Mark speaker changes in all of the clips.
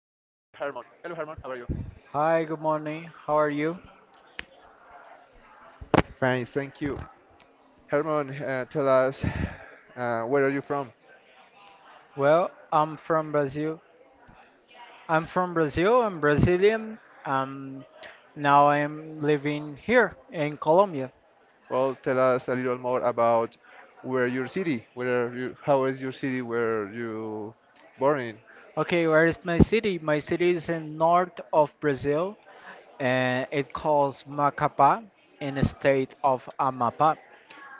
Speaker 1: Hello, Herman. How are you?
Speaker 2: Hi, good morning. How are you?
Speaker 1: Fine, thank you. Herman, tell us where are you from?
Speaker 2: Well, I'm from Brazil. I'm from Brazil. I'm Brazilian. Um, Now I'm living here in Colombia.
Speaker 1: Well, tell us a little more about where your city. Where are you? How is your city? Where you born in?
Speaker 2: Okay, where is my city? My city is in north of Brazil, and it calls Macapá in the state of Amapá.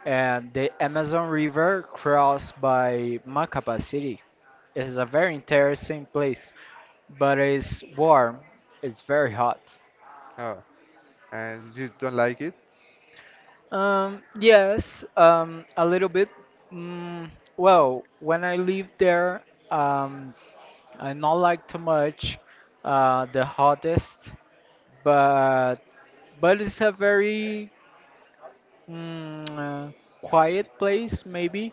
Speaker 2: And the Amazon River crossed by Macapá city. It is a very interesting place, but it's warm. It's very hot.
Speaker 1: Oh, and you don't like it?
Speaker 2: Yes, a little bit. Mm, well, when I lived there, um, I not like too much the hottest, but but it's a very mm, uh, quiet place, maybe.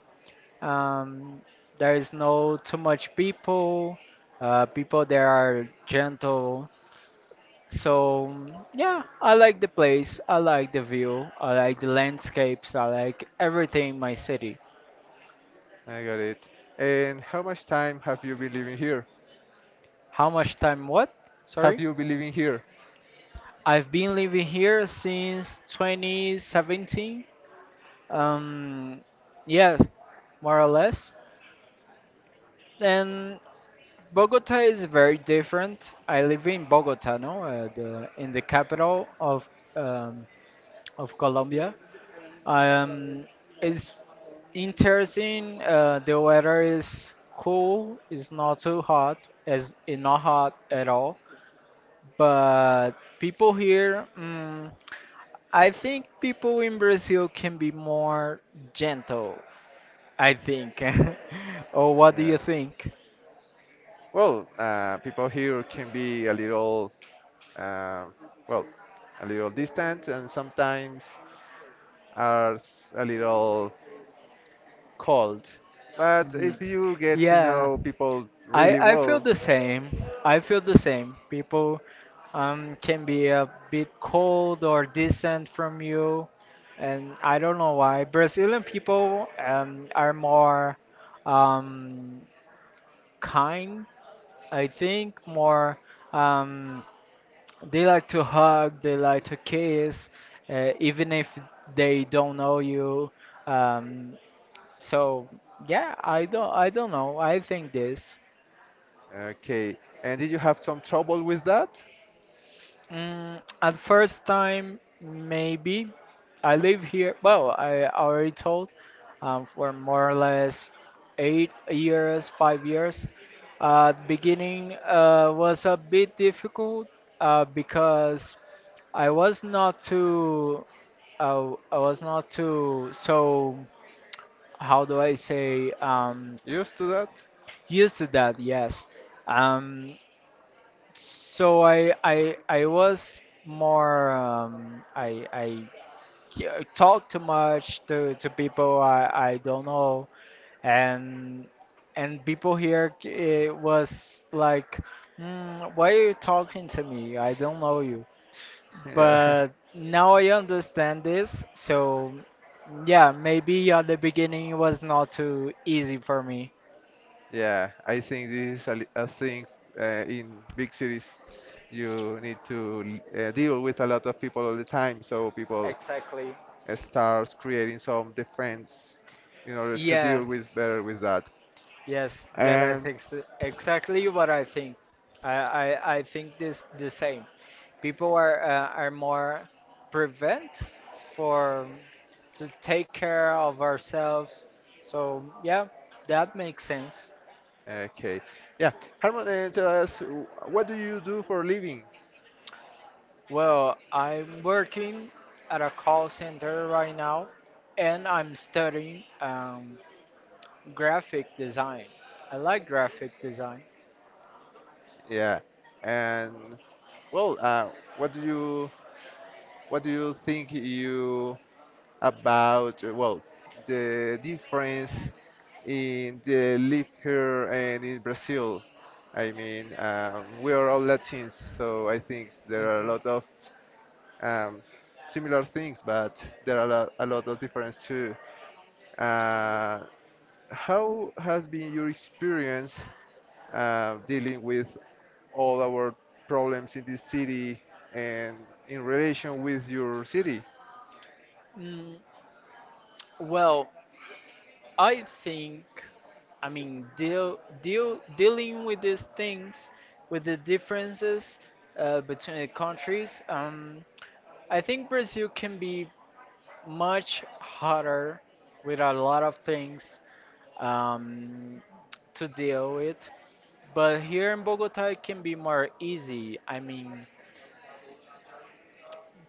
Speaker 2: Um, there is no too much people. People there are gentle. So mm, yeah, I like the place, I like the view, I like the landscapes, I like everything in my city.
Speaker 1: I got it. And how much time have you been living here?
Speaker 2: How much time what?
Speaker 1: Have
Speaker 2: Sorry?
Speaker 1: you been living here?
Speaker 2: I've been living here since 2017. Um yeah, more or less. And Bogota is very different. I live in Bogota, no? In the capital um, of Colombia. Um, it's interesting. The weather is cool. It's not too hot. It's not hot at all. But people here, mm, I think people in Brazil can be more gentle. I think. Or what do
Speaker 1: Yeah.
Speaker 2: you think?
Speaker 1: Well, people here can be a little uh, well, a little distant and sometimes are a little cold. But
Speaker 2: Mm.
Speaker 1: if you get to
Speaker 2: Yeah.
Speaker 1: know people
Speaker 2: I
Speaker 1: really
Speaker 2: I feel
Speaker 1: well,
Speaker 2: the same. I feel the same. People can be a bit cold or distant from you, and I don't know why. Brazilian people are more um kind, I think, more um they like to hug, they like to kiss, even if they don't know you. Um so yeah, I don't know. I think this.
Speaker 1: okay. And did you have some trouble with that?
Speaker 2: Mm, at first time, maybe. I live here. Well, I already told for more or less 8 years, 5 years. The beginning was a bit difficult because I was not too. I was not too. So how do I say?
Speaker 1: Used to that?
Speaker 2: Used to that. Yes. Um, so I was more I yeah, talk too much to people I don't know and and people here it was like mm, why are you talking to me? I don't know you.
Speaker 1: Yeah,
Speaker 2: But now I understand this. So yeah, maybe at the beginning it was not too easy for me.
Speaker 1: yeah. I think this is a thing in big cities. You need to deal with a lot of people all the time, so people
Speaker 2: Exactly.
Speaker 1: start creating some defense in order to deal with
Speaker 2: Yes.
Speaker 1: better with that.
Speaker 2: Yes, that is
Speaker 1: And
Speaker 2: ex Exactly what I think. I, I think this the same. People are more prevent for to take care of ourselves. So yeah, that makes sense.
Speaker 1: okay, yeah, Harmon, tell us what do you do for a living?
Speaker 2: Well, I'm working at a call center right now, and I'm studying graphic design. I like graphic design.
Speaker 1: Yeah, and well, what do you what do you think you about well the difference in the live here and in Brazil. I mean, we are all Latins, so I think there are a lot of um, similar things, but there are a lot of difference too. Uh, how has been your experience dealing with all our problems in this city and in relation with your city?
Speaker 2: Mm, well, I think, I mean, dealing with these things, with the differences between the countries, I think Brazil can be much harder with a lot of things um, to deal with. But here in Bogota, it can be more easy. I mean,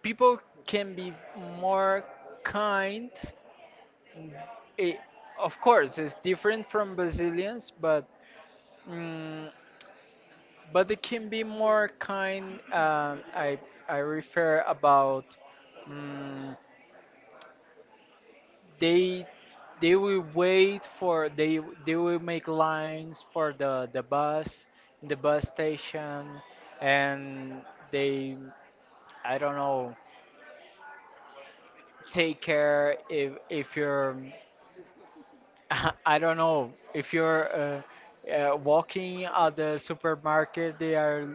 Speaker 2: people can be more kind. It, of course, it's different from Brazilians, but. Mm, but they can be more kind. I refer about mm they they will wait for they will make lines for the bus in the bus station, and they I don't know take care if you're I don't know if you're. Walking at the supermarket, they are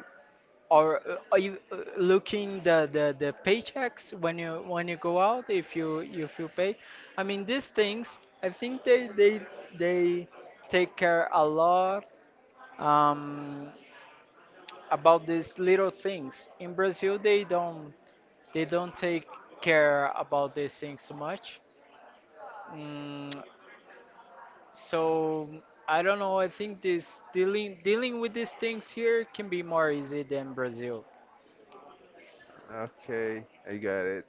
Speaker 2: or are you looking the paychecks when you go out if you pay? I mean these things I think they take care a lot um, about these little things. In Brazil they don't take care about these things so much. Mm, so I don't know. I think this dealing with these things here can be more easy than Brazil
Speaker 1: Okay, I got it.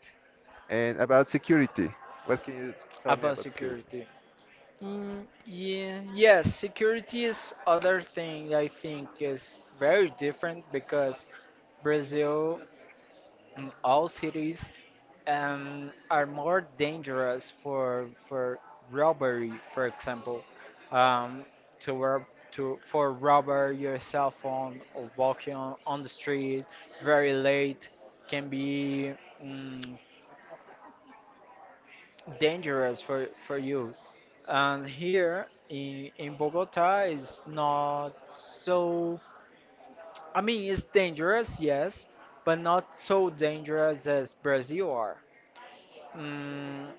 Speaker 1: And about security, what can you tell me
Speaker 2: about
Speaker 1: about security?
Speaker 2: security. Yeah, yes, security is other thing I think is very different because Brazil and all cities are more dangerous for robbery, for example, um, to rob to for robber your cell phone or walking on the street very late can be. Mm, dangerous for you. And here in Bogota is not so. I mean, it's dangerous, yes, but not so dangerous as Brazil are. Mm,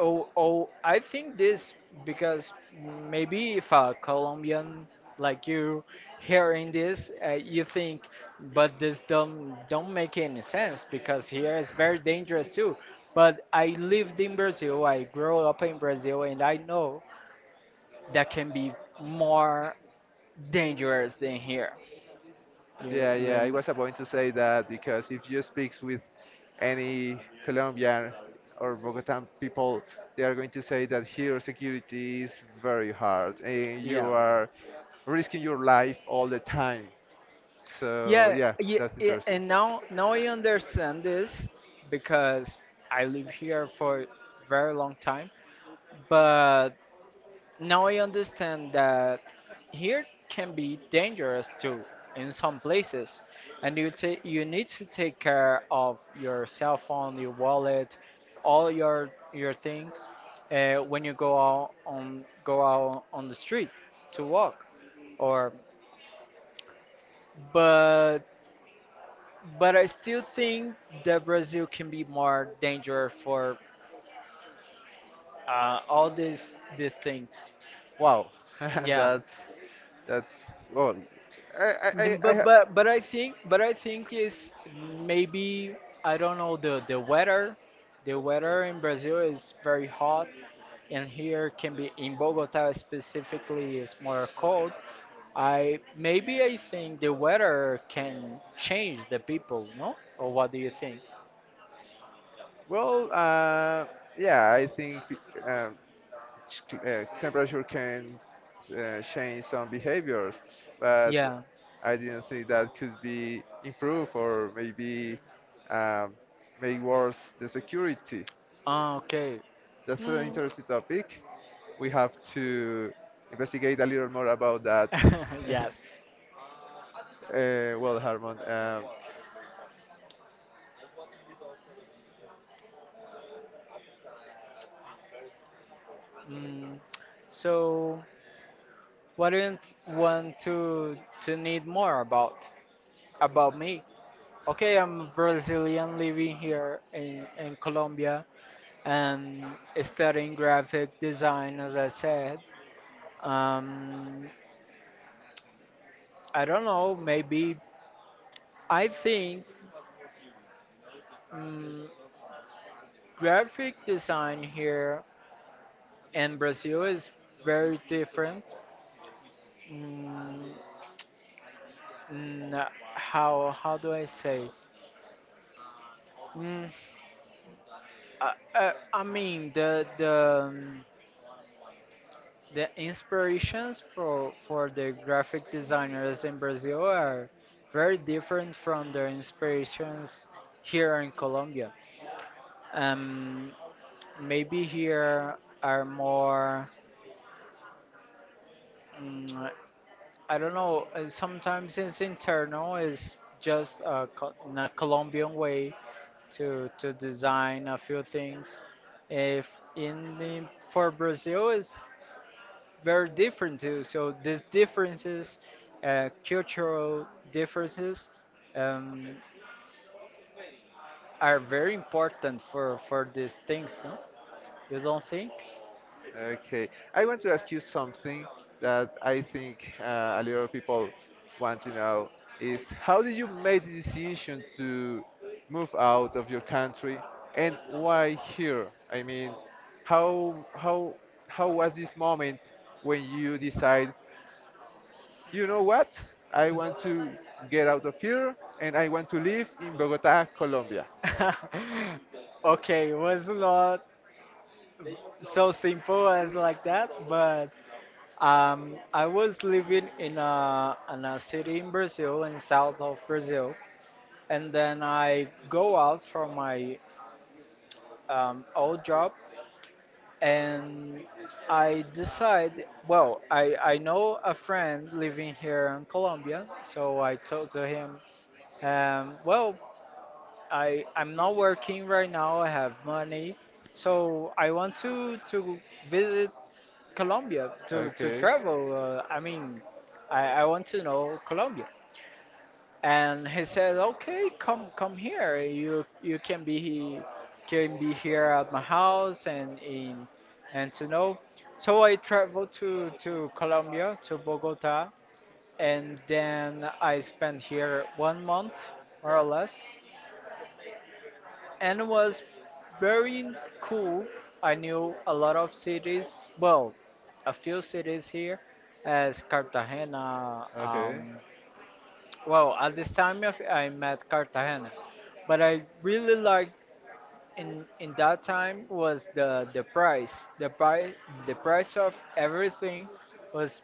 Speaker 2: oh, oh, I think this because maybe if a Colombian like you hearing this, you think, but this don't make any sense because here it's very dangerous too. But I lived in Brazil, I grew up in Brazil, and I know that can be more dangerous than here. You,
Speaker 1: Yeah, yeah, I
Speaker 2: you,
Speaker 1: was about to say that because if you speak with any Colombian or Bogotan people, they are going to say that here security is very hard and you
Speaker 2: yeah.
Speaker 1: are risking your life all the time. So yeah, that's
Speaker 2: Yeah,
Speaker 1: interesting.
Speaker 2: and now I understand this because I live here for very long time, but now I understand that here can be dangerous too in some places, and you you need to take care of your cell phone, your wallet, all your things when you go out on the street to walk, or but But I still think that Brazil can be more dangerous for all these things.
Speaker 1: Wow,
Speaker 2: Yeah,
Speaker 1: that's that's well, I I I,
Speaker 2: Then-
Speaker 1: I ha-
Speaker 2: but I think is maybe I don't know the weather. The weather in Brazil is very hot, and here can be in Bogota specifically is more cold. I think the weather can change the people, no? Or what do you think?
Speaker 1: Well, yeah, I think um, temperature can change some behaviors, but
Speaker 2: Yeah.
Speaker 1: I didn't think that could be improved or maybe um, make worse the security.
Speaker 2: Ah, okay.
Speaker 1: That's an
Speaker 2: Mm,
Speaker 1: interesting topic. We have to investigate a little more about that.
Speaker 2: yes.
Speaker 1: Well, Harmon,
Speaker 2: Mm, so, what do you want to need more about me? Okay, I'm Brazilian, living here in Colombia and studying graphic design, as I said. Um, I don't know. Maybe I think mm graphic design here in Brazil is very different. Mm, how do I say? Mm, I mean um, the inspirations for the graphic designers in Brazil are very different from the inspirations here in Colombia. Um, Maybe here are more mm, I don't know. Sometimes it's internal. It's just a, in a Colombian way to design a few things. If in the, for Brazil is very different too. So these differences, cultural differences, um, are very important for these things. No, you don't think?
Speaker 1: okay. I want to ask you something that I think a lot of people want to know is how did you make the decision to move out of your country and why here? I mean, how how how was this moment when you decide. You know what? I want to get out of here and I want to live in Bogota, Colombia.
Speaker 2: Okay, it was not so simple as like that, but I was living in a city in Brazil, in south of Brazil, and then I go out from my old job and I decide. Well, I know a friend living here in Colombia, so I told to him, well, I'm not working right now. I have money, so I want to visit Colombia to
Speaker 1: Okay.
Speaker 2: travel. I mean, I want to know Colombia and he said, "Okay, come here. You can be he can be here at my house and in and to know." So I traveled to Colombia to Bogota, and then I spent here 1 month more or less, and it was very cool. I knew a lot of cities. Well, a few cities here, as Cartagena,
Speaker 1: Okay.
Speaker 2: well, at this time of, I met Cartagena, but I really liked in that time was the price. The price of everything was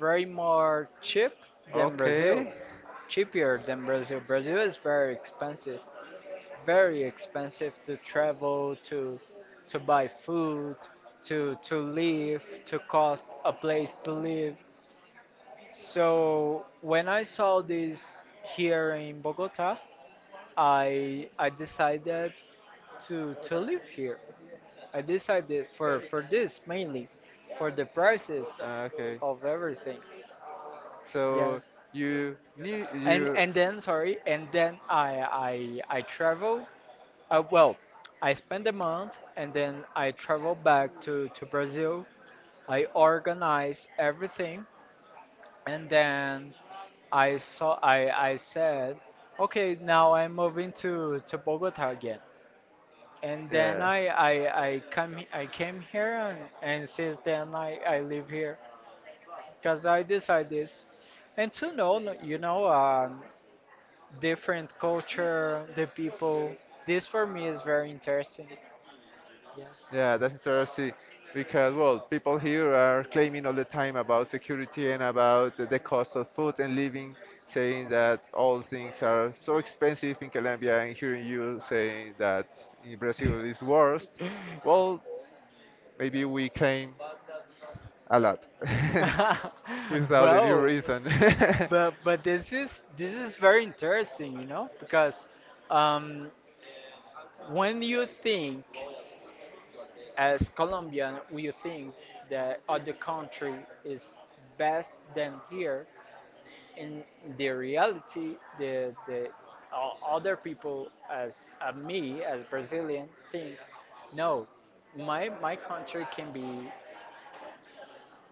Speaker 2: very more cheap than Brazil,
Speaker 1: Okay.
Speaker 2: cheaper than Brazil. Brazil is very expensive to travel, to buy food, to live, to cost a place to live. So when I saw this here in Bogota, I decided to live here. I decided for this mainly, for the prices
Speaker 1: Okay.
Speaker 2: of everything.
Speaker 1: So
Speaker 2: Yes.
Speaker 1: you knew and
Speaker 2: And then sorry, and then I travel. Well, I spend a month and then I travel back to Brazil. I organize everything and then I said, okay, now I'm moving to Bogota again and then
Speaker 1: then.
Speaker 2: I came here and since then I live here because I decide this and to know you know different culture the people this for me is very interesting yes
Speaker 1: Yeah, that's interesting because, well, people here are claiming all the time about security and about the cost of food and living, saying that all things are so expensive in Colombia, and hearing you saying that in Brazil is worst. Well, maybe we claim a lot without any
Speaker 2: well
Speaker 1: reason.
Speaker 2: but this is very interesting you know because um when you think as Colombian, we think that other country is best than here. In the reality, the o- other people, as me, as Brazilian, think no, my country can be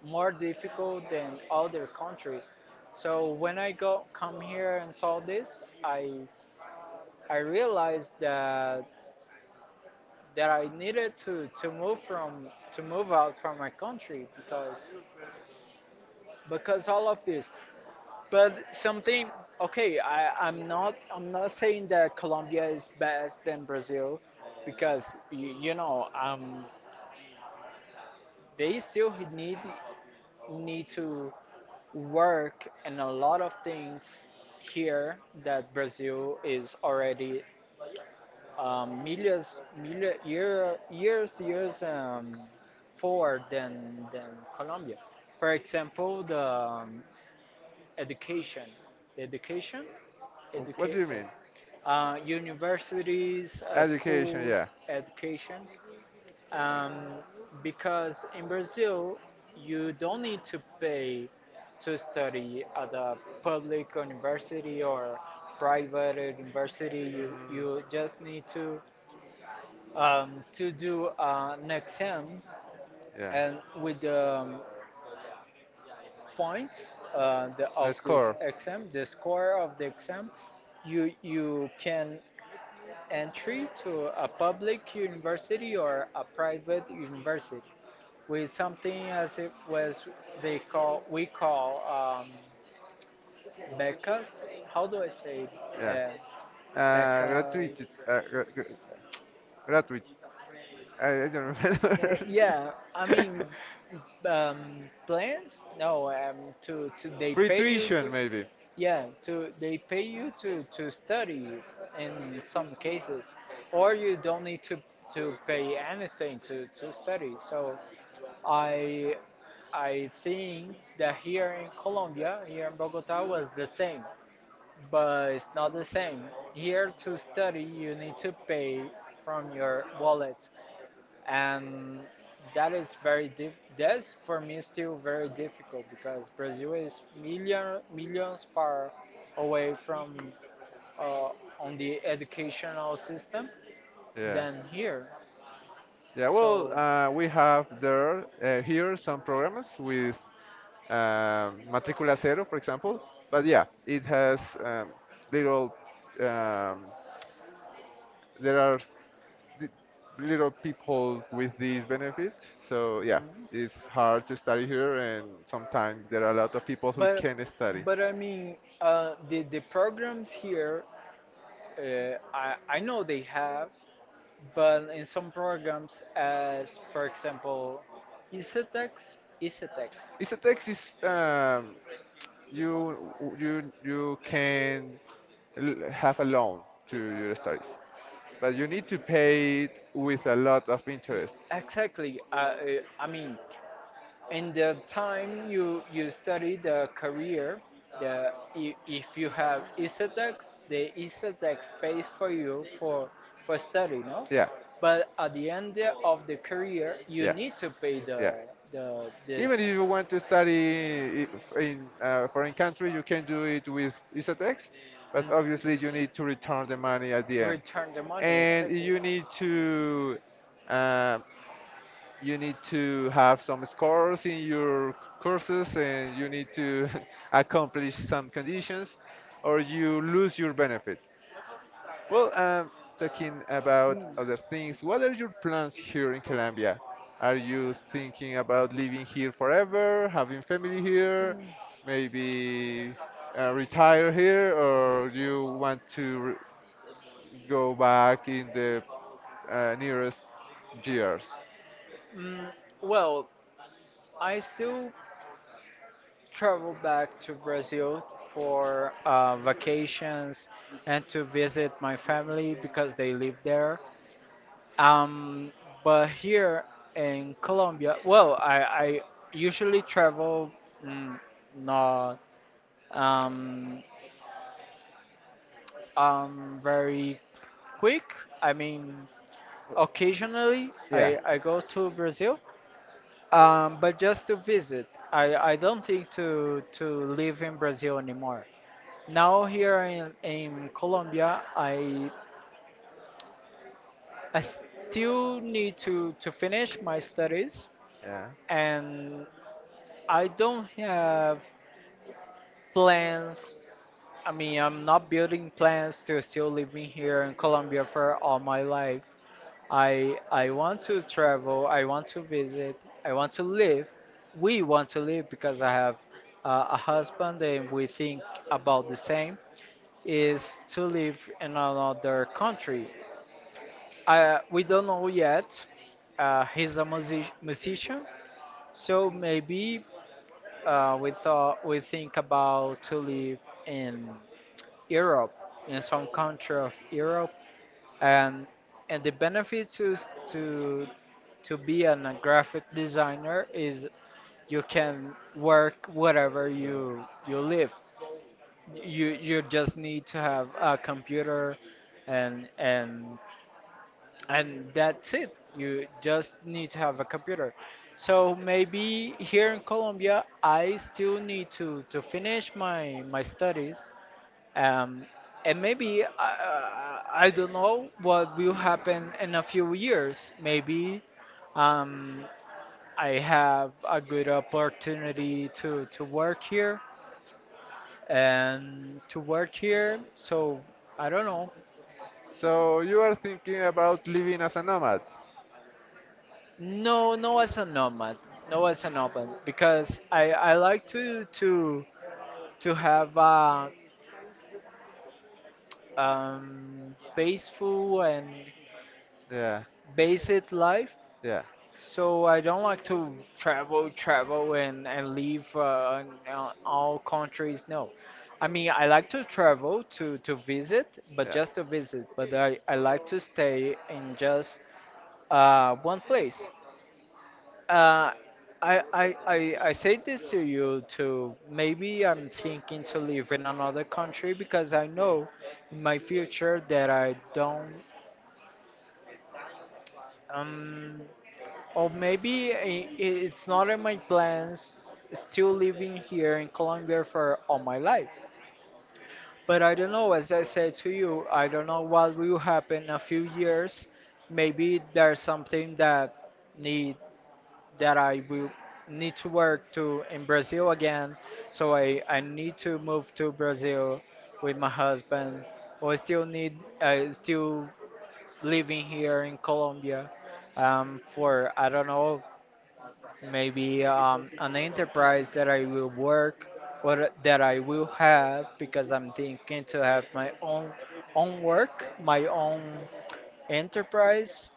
Speaker 2: more difficult than other countries. So when I go come here and saw this, I realized that I needed to move from to move out from my country because all of this but something okay I'm not saying that Colombia is best than Brazil because you know they still need need to work in a lot of things here that Brazil is already million years forward than Colombia, for example the education. The education,
Speaker 1: What
Speaker 2: educate,
Speaker 1: do you mean?
Speaker 2: universities,
Speaker 1: Education, yeah.
Speaker 2: schools, education. Um, because in Brazil, you don't need to pay to study at a public university or private university. You,
Speaker 1: Mm,
Speaker 2: you just need to do an exam,
Speaker 1: yeah.
Speaker 2: and with the points, the, of
Speaker 1: Let
Speaker 2: this
Speaker 1: score.
Speaker 2: exam, the score of the exam, you can entry to a public university or a private university with something as it was they call we call um, becas. How do I say
Speaker 1: Yeah.
Speaker 2: uh, becas?
Speaker 1: Gratuitous. Gratuit. I don't
Speaker 2: Uh,
Speaker 1: remember.
Speaker 2: yeah, I mean plans. No, to they
Speaker 1: Free
Speaker 2: pay you
Speaker 1: tuition,
Speaker 2: to.
Speaker 1: maybe.
Speaker 2: Yeah, to they pay you to study in some cases, or you don't need to pay anything to study. So I I think that here in Colombia, here in Bogota, was the same, but it's not the same. Here to study, you need to pay from your wallet, and that is that's for me still very difficult because Brazil is million millions far away from uh, on the educational system
Speaker 1: Yeah.
Speaker 2: than here.
Speaker 1: Yeah. Well,
Speaker 2: So,
Speaker 1: we have there here some programs with matricula cero, for example. But yeah, it has little. Um, there are the little people with these benefits. So yeah,
Speaker 2: mhm.
Speaker 1: it's hard to study here, and sometimes there are a lot of people who
Speaker 2: but
Speaker 1: can study.
Speaker 2: but I mean the programs here, I know they have. But in some programs, as for example, Isetex, Isetex.
Speaker 1: It's a text is you you can have a loan to your studies, but you need to pay it with a lot of
Speaker 2: Y-
Speaker 1: interest.
Speaker 2: Exactly. I mean, in the time you study the career, if you have Isetex, the Isetex pays for you for study, no?
Speaker 1: Yeah.
Speaker 2: But at the end of the career, you
Speaker 1: Yeah.
Speaker 2: need to pay the
Speaker 1: Yeah.
Speaker 2: the this.
Speaker 1: Even if you want to study in a foreign country, you can do it with ISATEX, but
Speaker 2: mm,
Speaker 1: obviously you need to return the money at the end.
Speaker 2: Return the money,
Speaker 1: And
Speaker 2: exactly.
Speaker 1: uh, you need to have some scores in your courses and you need to accomplish some conditions or you lose your benefit. Well, talking about other things, what are your plans here in Colombia? Are you thinking about living here forever, having family here, maybe retire here, or you want to re go back in the nearest years?
Speaker 2: Mm, well, I still travel back to Brazil for vacations, and to visit my family because they live there. Um, but here in Colombia, well, I usually travel, mm, not, um, very quick. I mean, occasionally
Speaker 1: Yeah,
Speaker 2: I go to Brazil, but just to visit. I don't think to live in Brazil anymore. Now here in Colombia, I still need to finish my studies,
Speaker 1: yeah.
Speaker 2: and I don't have plans. I mean, I'm not building plans to still living here in Colombia for all my life. I want to travel. I want to visit. I want to live. We want to live because I have a husband, and we think about the same. Is to live in another country. I, we don't know yet. He's a musician, so maybe. We think about to live in Europe, in some country of Europe. And and the benefits is to be a graphic designer, is you can work wherever you live. You just need to have a computer, and and and that's it. You just need to have a computer. So maybe here in Colombia, I still need to finish my studies, um, and maybe. I don't know what will happen in a few years. Maybe um, I have a good opportunity to work here, and to work here, so I don't know.
Speaker 1: So you are thinking about living as a nomad?
Speaker 2: No, no as a nomad, no as a nomad, because I like to have a peaceful and
Speaker 1: Yeah,
Speaker 2: basic life.
Speaker 1: yeah.
Speaker 2: So I don't like to travel, travel, and leave in all countries. No, I mean I like to travel to visit, but just to visit. But I like to stay in just one place. Uh, I say this to you too. Maybe I'm thinking to live in another country because I know in my future that I don't, um, or maybe it's not in my plans still living here in Colombia for all my life. But I don't know, as I said to you, I don't know what will happen in a few years. Maybe there's something that need that I will need to work to in Brazil again. So I need to move to Brazil with my husband. Or still need, still living here in Colombia, for I don't know, maybe an enterprise that I will work, or that I will have, because I'm thinking to have my own work, my own enterprise,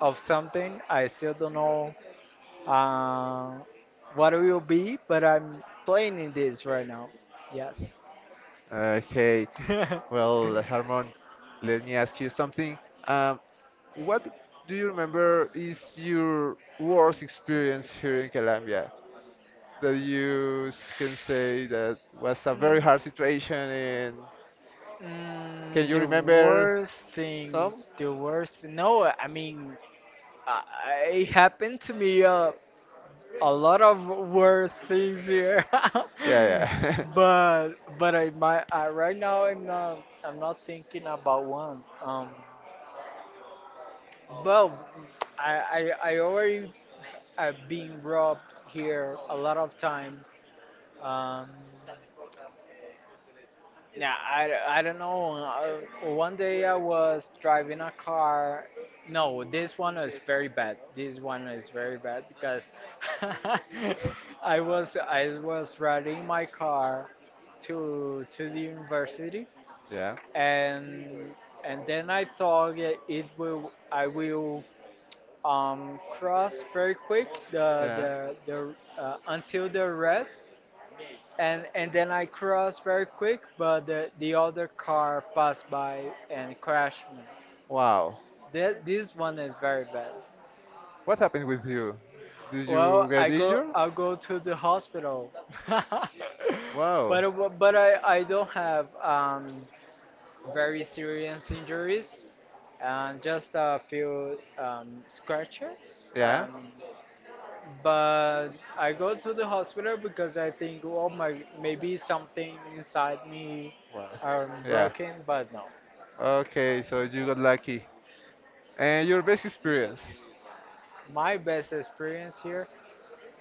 Speaker 2: of something. I still don't know uh, what it will be, but I'm planning this right now. Yes.
Speaker 1: Okay, well, Herman, let me ask you something. Um, what do you remember is your worst experience here in Colombia that you can say that was a very
Speaker 2: Mm,
Speaker 1: hard situation, and can you
Speaker 2: the
Speaker 1: remember
Speaker 2: worst thing,
Speaker 1: some?
Speaker 2: the worst. No, I mean, uh, it happened to me, a lot of worse things here.
Speaker 1: Yeah, yeah.
Speaker 2: but but right now I'm not thinking about one. Well, I already, I've been robbed here a lot of times. Um, yeah, I don't know. One day I was driving a car. No, this one is very bad. This one is very bad because, I was riding my car to the university,
Speaker 1: Yeah.
Speaker 2: and then I thought that it will I will, cross very quick
Speaker 1: Yeah.
Speaker 2: the until the red, and then I crossed very quick, but the other car passed by and crashed me.
Speaker 1: Wow.
Speaker 2: This one is very bad.
Speaker 1: What happened with you? Did you
Speaker 2: Well,
Speaker 1: get
Speaker 2: I go
Speaker 1: injured?
Speaker 2: I'll go to the hospital,
Speaker 1: Wow.
Speaker 2: but I don't have very serious injuries, and just a few scratches.
Speaker 1: Yeah.
Speaker 2: But I go to the hospital because I think, oh my, maybe something inside me,
Speaker 1: Wow. Yeah.
Speaker 2: broken, but no.
Speaker 1: Okay, so you got lucky. And your best experience?
Speaker 2: My best experience here,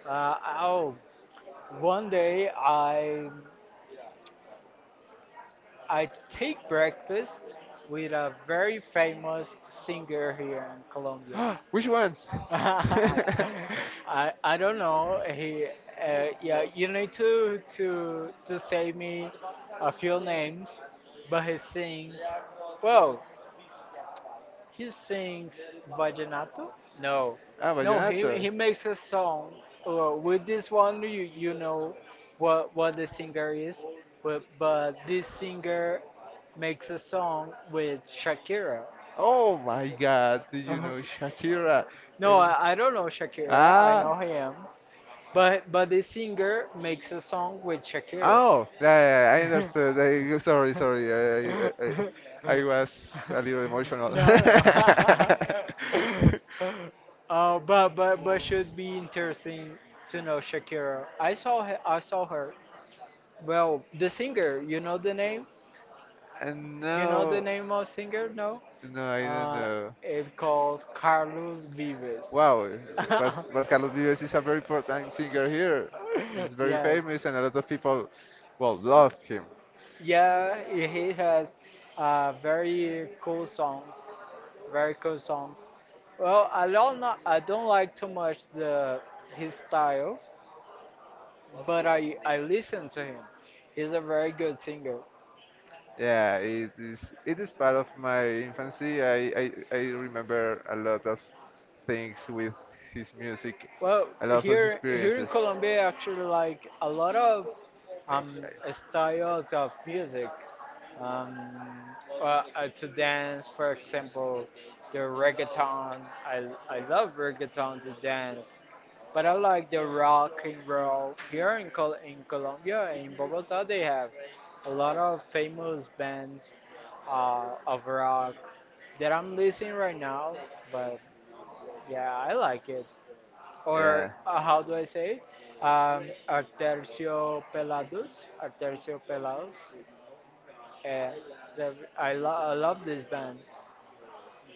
Speaker 2: oh, one day I take breakfast with a very famous singer here in Colombia.
Speaker 1: Which one?
Speaker 2: I don't know. He, yeah, you need to say me a few names, but he sings. Well, he sings vallenato. No,
Speaker 1: Ah,
Speaker 2: no, he
Speaker 1: vallenato.
Speaker 2: he makes a song. Well, with this one, you know what the singer is, but this singer makes a song with Shakira.
Speaker 1: Oh my God, did you know Shakira?
Speaker 2: No,
Speaker 1: Um,
Speaker 2: I don't know Shakira. I
Speaker 1: Ah.
Speaker 2: know him. But the singer makes a song with Shakira.
Speaker 1: Oh, yeah, yeah, yeah, I understood. Sorry, sorry. I was a little emotional.
Speaker 2: No, no. But should be interesting to know Shakira. I saw her. I saw her. Well, the singer. You know the name. You know the name of singer. No.
Speaker 1: And now. No, no, I don't
Speaker 2: Uh,
Speaker 1: know.
Speaker 2: it calls Carlos Vives.
Speaker 1: Wow, but Carlos Vives is a very important singer here. He's very
Speaker 2: Yes.
Speaker 1: famous, and a lot of people, well, love him.
Speaker 2: Yeah, he has very cool songs, very cool songs. Well, I don't know, I don't like too much the his style, but I listen to him. He's a very good singer.
Speaker 1: Yeah, it is. It is part of my infancy. I remember a lot of things with his music,
Speaker 2: Well,
Speaker 1: a lot of
Speaker 2: here in
Speaker 1: experiences.
Speaker 2: Colombia, actually, like a lot of
Speaker 1: My childhood.
Speaker 2: styles of music, um, uh, to dance, for example, the reggaeton. I love reggaeton to dance, but I like the rock and roll. Here in Colombia, in Bogota, they have a lot of famous bands of rock that I'm listening right now. But yeah, I like it, or
Speaker 1: Yeah,
Speaker 2: how do I say, um, Artercio Pelados, Artercio Pelados. Yeah, so I love this band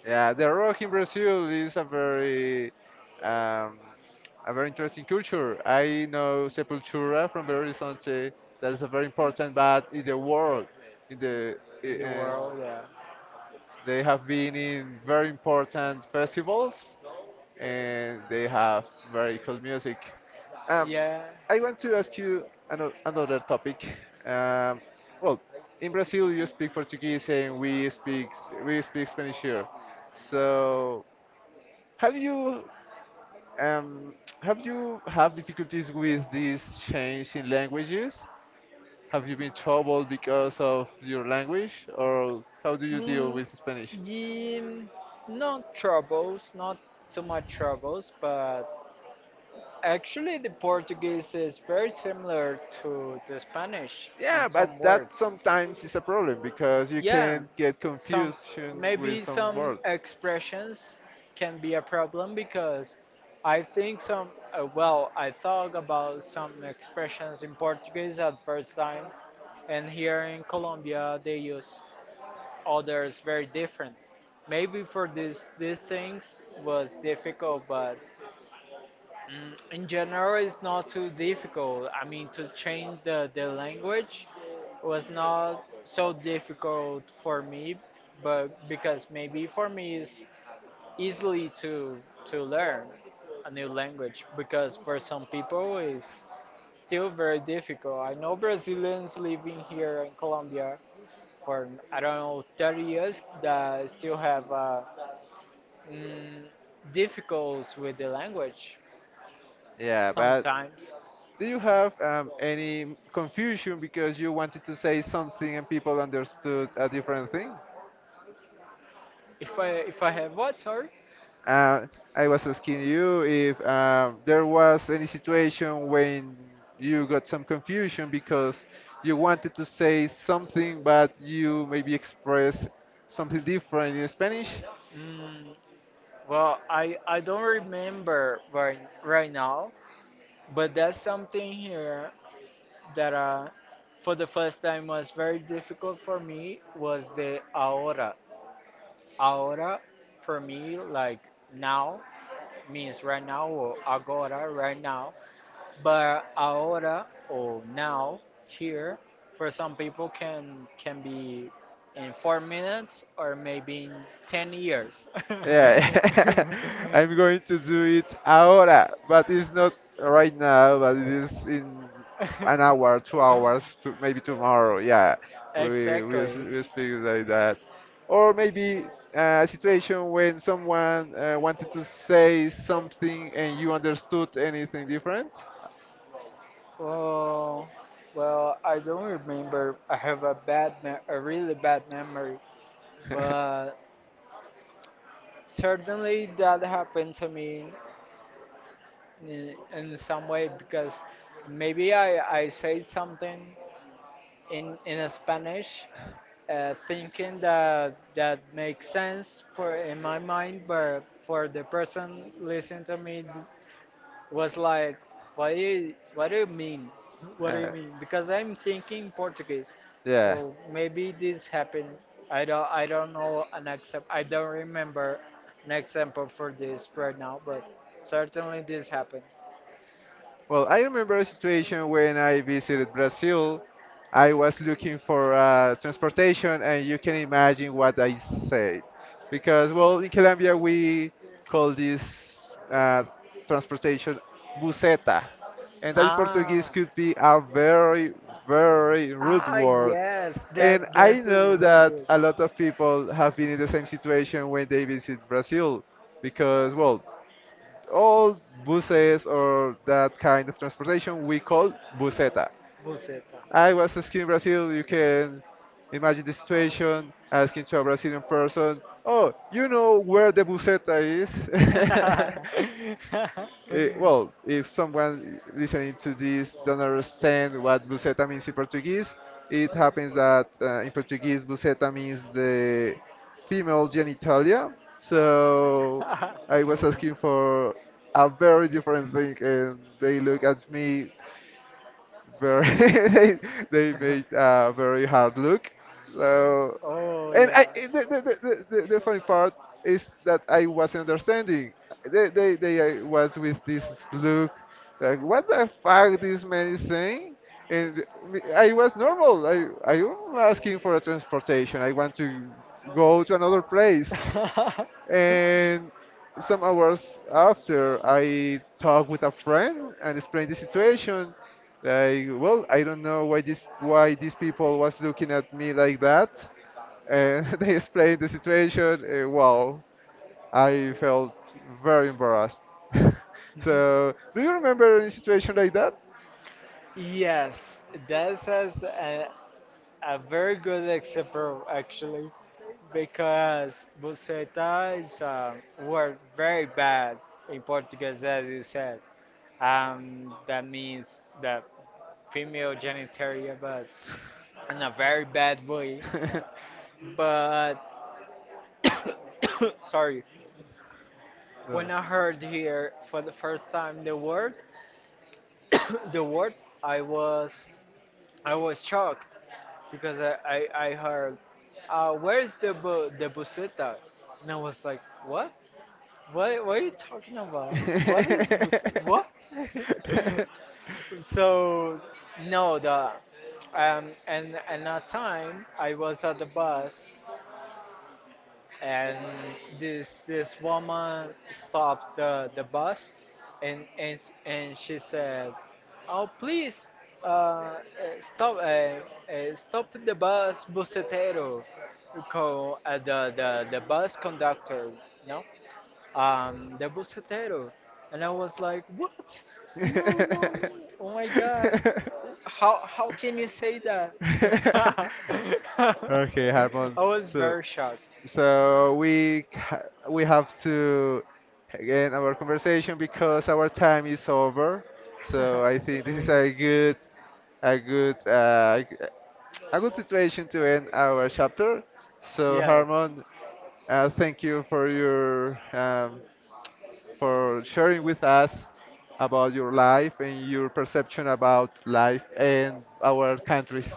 Speaker 1: yeah. The rock in Brazil is um, a very interesting culture. I know Sepultura from Belo Horizonte. That is a very important band in the world, in the I-
Speaker 2: in the
Speaker 1: and
Speaker 2: world. Yeah,
Speaker 1: They have been in very important festivals and they have very cool music. Um,
Speaker 2: yeah.
Speaker 1: I want to ask you another topic. Um, well, in Brazil you speak Portuguese and we speak Spanish here. So have you um, have you have difficulties with this change in languages? Have you been troubled because of your language, or how do you deal
Speaker 2: Mm,
Speaker 1: with Spanish?
Speaker 2: yeah, not troubles, not too much troubles, but actually the Portuguese is very similar to the Spanish in
Speaker 1: Yeah,
Speaker 2: some
Speaker 1: but that
Speaker 2: words.
Speaker 1: sometimes is a problem because you
Speaker 2: Yeah,
Speaker 1: can get
Speaker 2: some,
Speaker 1: confusion with
Speaker 2: maybe
Speaker 1: some
Speaker 2: some
Speaker 1: words.
Speaker 2: expressions can be a problem because I think some, well, I thought about some expressions in Portuguese at first time, and here in Colombia they use others very different. Maybe for this these things was difficult, but in general, it's not too difficult. I mean, to change the language was not so difficult for me, but because maybe for me it's easily to learn a new language, because for some people it's still very difficult. I know Brazilians living here in Colombia for I don't know 30 years, that still have mm, difficulties with the language
Speaker 1: Yeah, but
Speaker 2: sometimes.
Speaker 1: do you have any confusion because you wanted to say something and people understood a different thing?
Speaker 2: If I have what, sorry?
Speaker 1: Uh, I was asking you if there was any situation when you got some confusion because you wanted to say something, but you maybe expressed something different in Spanish.
Speaker 2: Mm, well, I don't remember right now, but that's something here that, for the first time was very difficult for me, was the ahora. Ahora for me, like now, means right now, or agora right now. But ahora or now here for some people can be in 4 minutes or maybe in 10 years.
Speaker 1: Yeah, I'm going to do it ahora, but it's not right now, but it is in an hour, 2 hours, to, maybe tomorrow. Yeah,
Speaker 2: Exactly.
Speaker 1: we speak like that, or maybe a situation when someone wanted to say something and you understood anything different.
Speaker 2: Well well, I don't remember. I have a really bad memory. But certainly that happened to me in some way, because maybe I say something in Spanish, thinking that makes sense for in my mind, but for the person listening to me was like, what do you mean? What do you
Speaker 1: Uh,
Speaker 2: mean? Because I'm thinking Portuguese,
Speaker 1: yeah.
Speaker 2: so maybe this happened. I don't know an example. I don't remember an example for this right now, but certainly this happened.
Speaker 1: Well, I remember a situation when I visited Brazil. I was looking for transportation, and you can imagine what I said. Because, well, in Colombia, we call this transportation buseta. And that in Portuguese
Speaker 2: Ah,
Speaker 1: could be a very, very rude
Speaker 2: ah,
Speaker 1: word.
Speaker 2: yes,
Speaker 1: And
Speaker 2: that
Speaker 1: I
Speaker 2: that is
Speaker 1: know
Speaker 2: very
Speaker 1: that
Speaker 2: good.
Speaker 1: a lot of people have been in the same situation when they visit Brazil because, well, all buses or that kind of transportation we call buseta.
Speaker 2: Buceta.
Speaker 1: I was skiing in Brazil. You can imagine the situation asking to a Brazilian person, "Oh, you know where the buseta is?" Well, if someone listening to this don't understand what buceta means in Portuguese, it happens that in Portuguese buceta means the female genitalia. So I was asking for a very different thing, and they look at me very they made a very hard look. So,
Speaker 2: Oh,
Speaker 1: and I
Speaker 2: yeah.
Speaker 1: eh, the funny part is that I wasn't understanding. They was with this look like what the fuck this man is saying. And I was normal. I was asking for a transportation. I want to go to another place. And some hours after, I talked with a friend and explained the situation. Like, well, I don't know why these people was looking at me like that. And they explained the situation. Wow, I felt very embarrassed. So, do you remember any situation like that?
Speaker 2: Yes, this is a very good example, actually, because buceta is a word very bad in Portuguese, as you said. That means the female genitalia, but in a very bad way. But sorry,
Speaker 1: No.
Speaker 2: when I heard here for the first time the word, the word, I was I was shocked because I heard, where's the buseta, and I was like, what? What are you talking about? What is what?
Speaker 1: What?
Speaker 2: So no, the and that time I was at the bus, and this woman stops the bus, and she said, "Oh please, uh, uh, stop the bus, busetero." Call, the the the bus conductor, no? The Buscatero. And I was like, what? No, no, no. Oh my God. How can you say that? I
Speaker 1: Okay, Harmon.
Speaker 2: was
Speaker 1: So,
Speaker 2: very shocked.
Speaker 1: so we ca- we have to end our conversation because our time is over. So I think this is a good uh, a good situation to end our chapter. So
Speaker 2: Yes.
Speaker 1: Harmon, thank you for your for sharing with us about your life and your perception about life and our countries.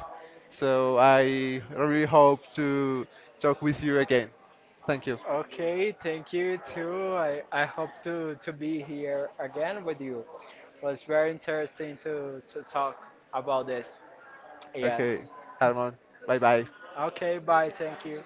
Speaker 1: So I really hope to talk with you again. Thank you.
Speaker 2: Okay, thank you too. I hope to be here again with you. It was very interesting to talk about this. Yeah.
Speaker 1: Okay, Harmon. Bye bye.
Speaker 2: Okay, bye. Thank you.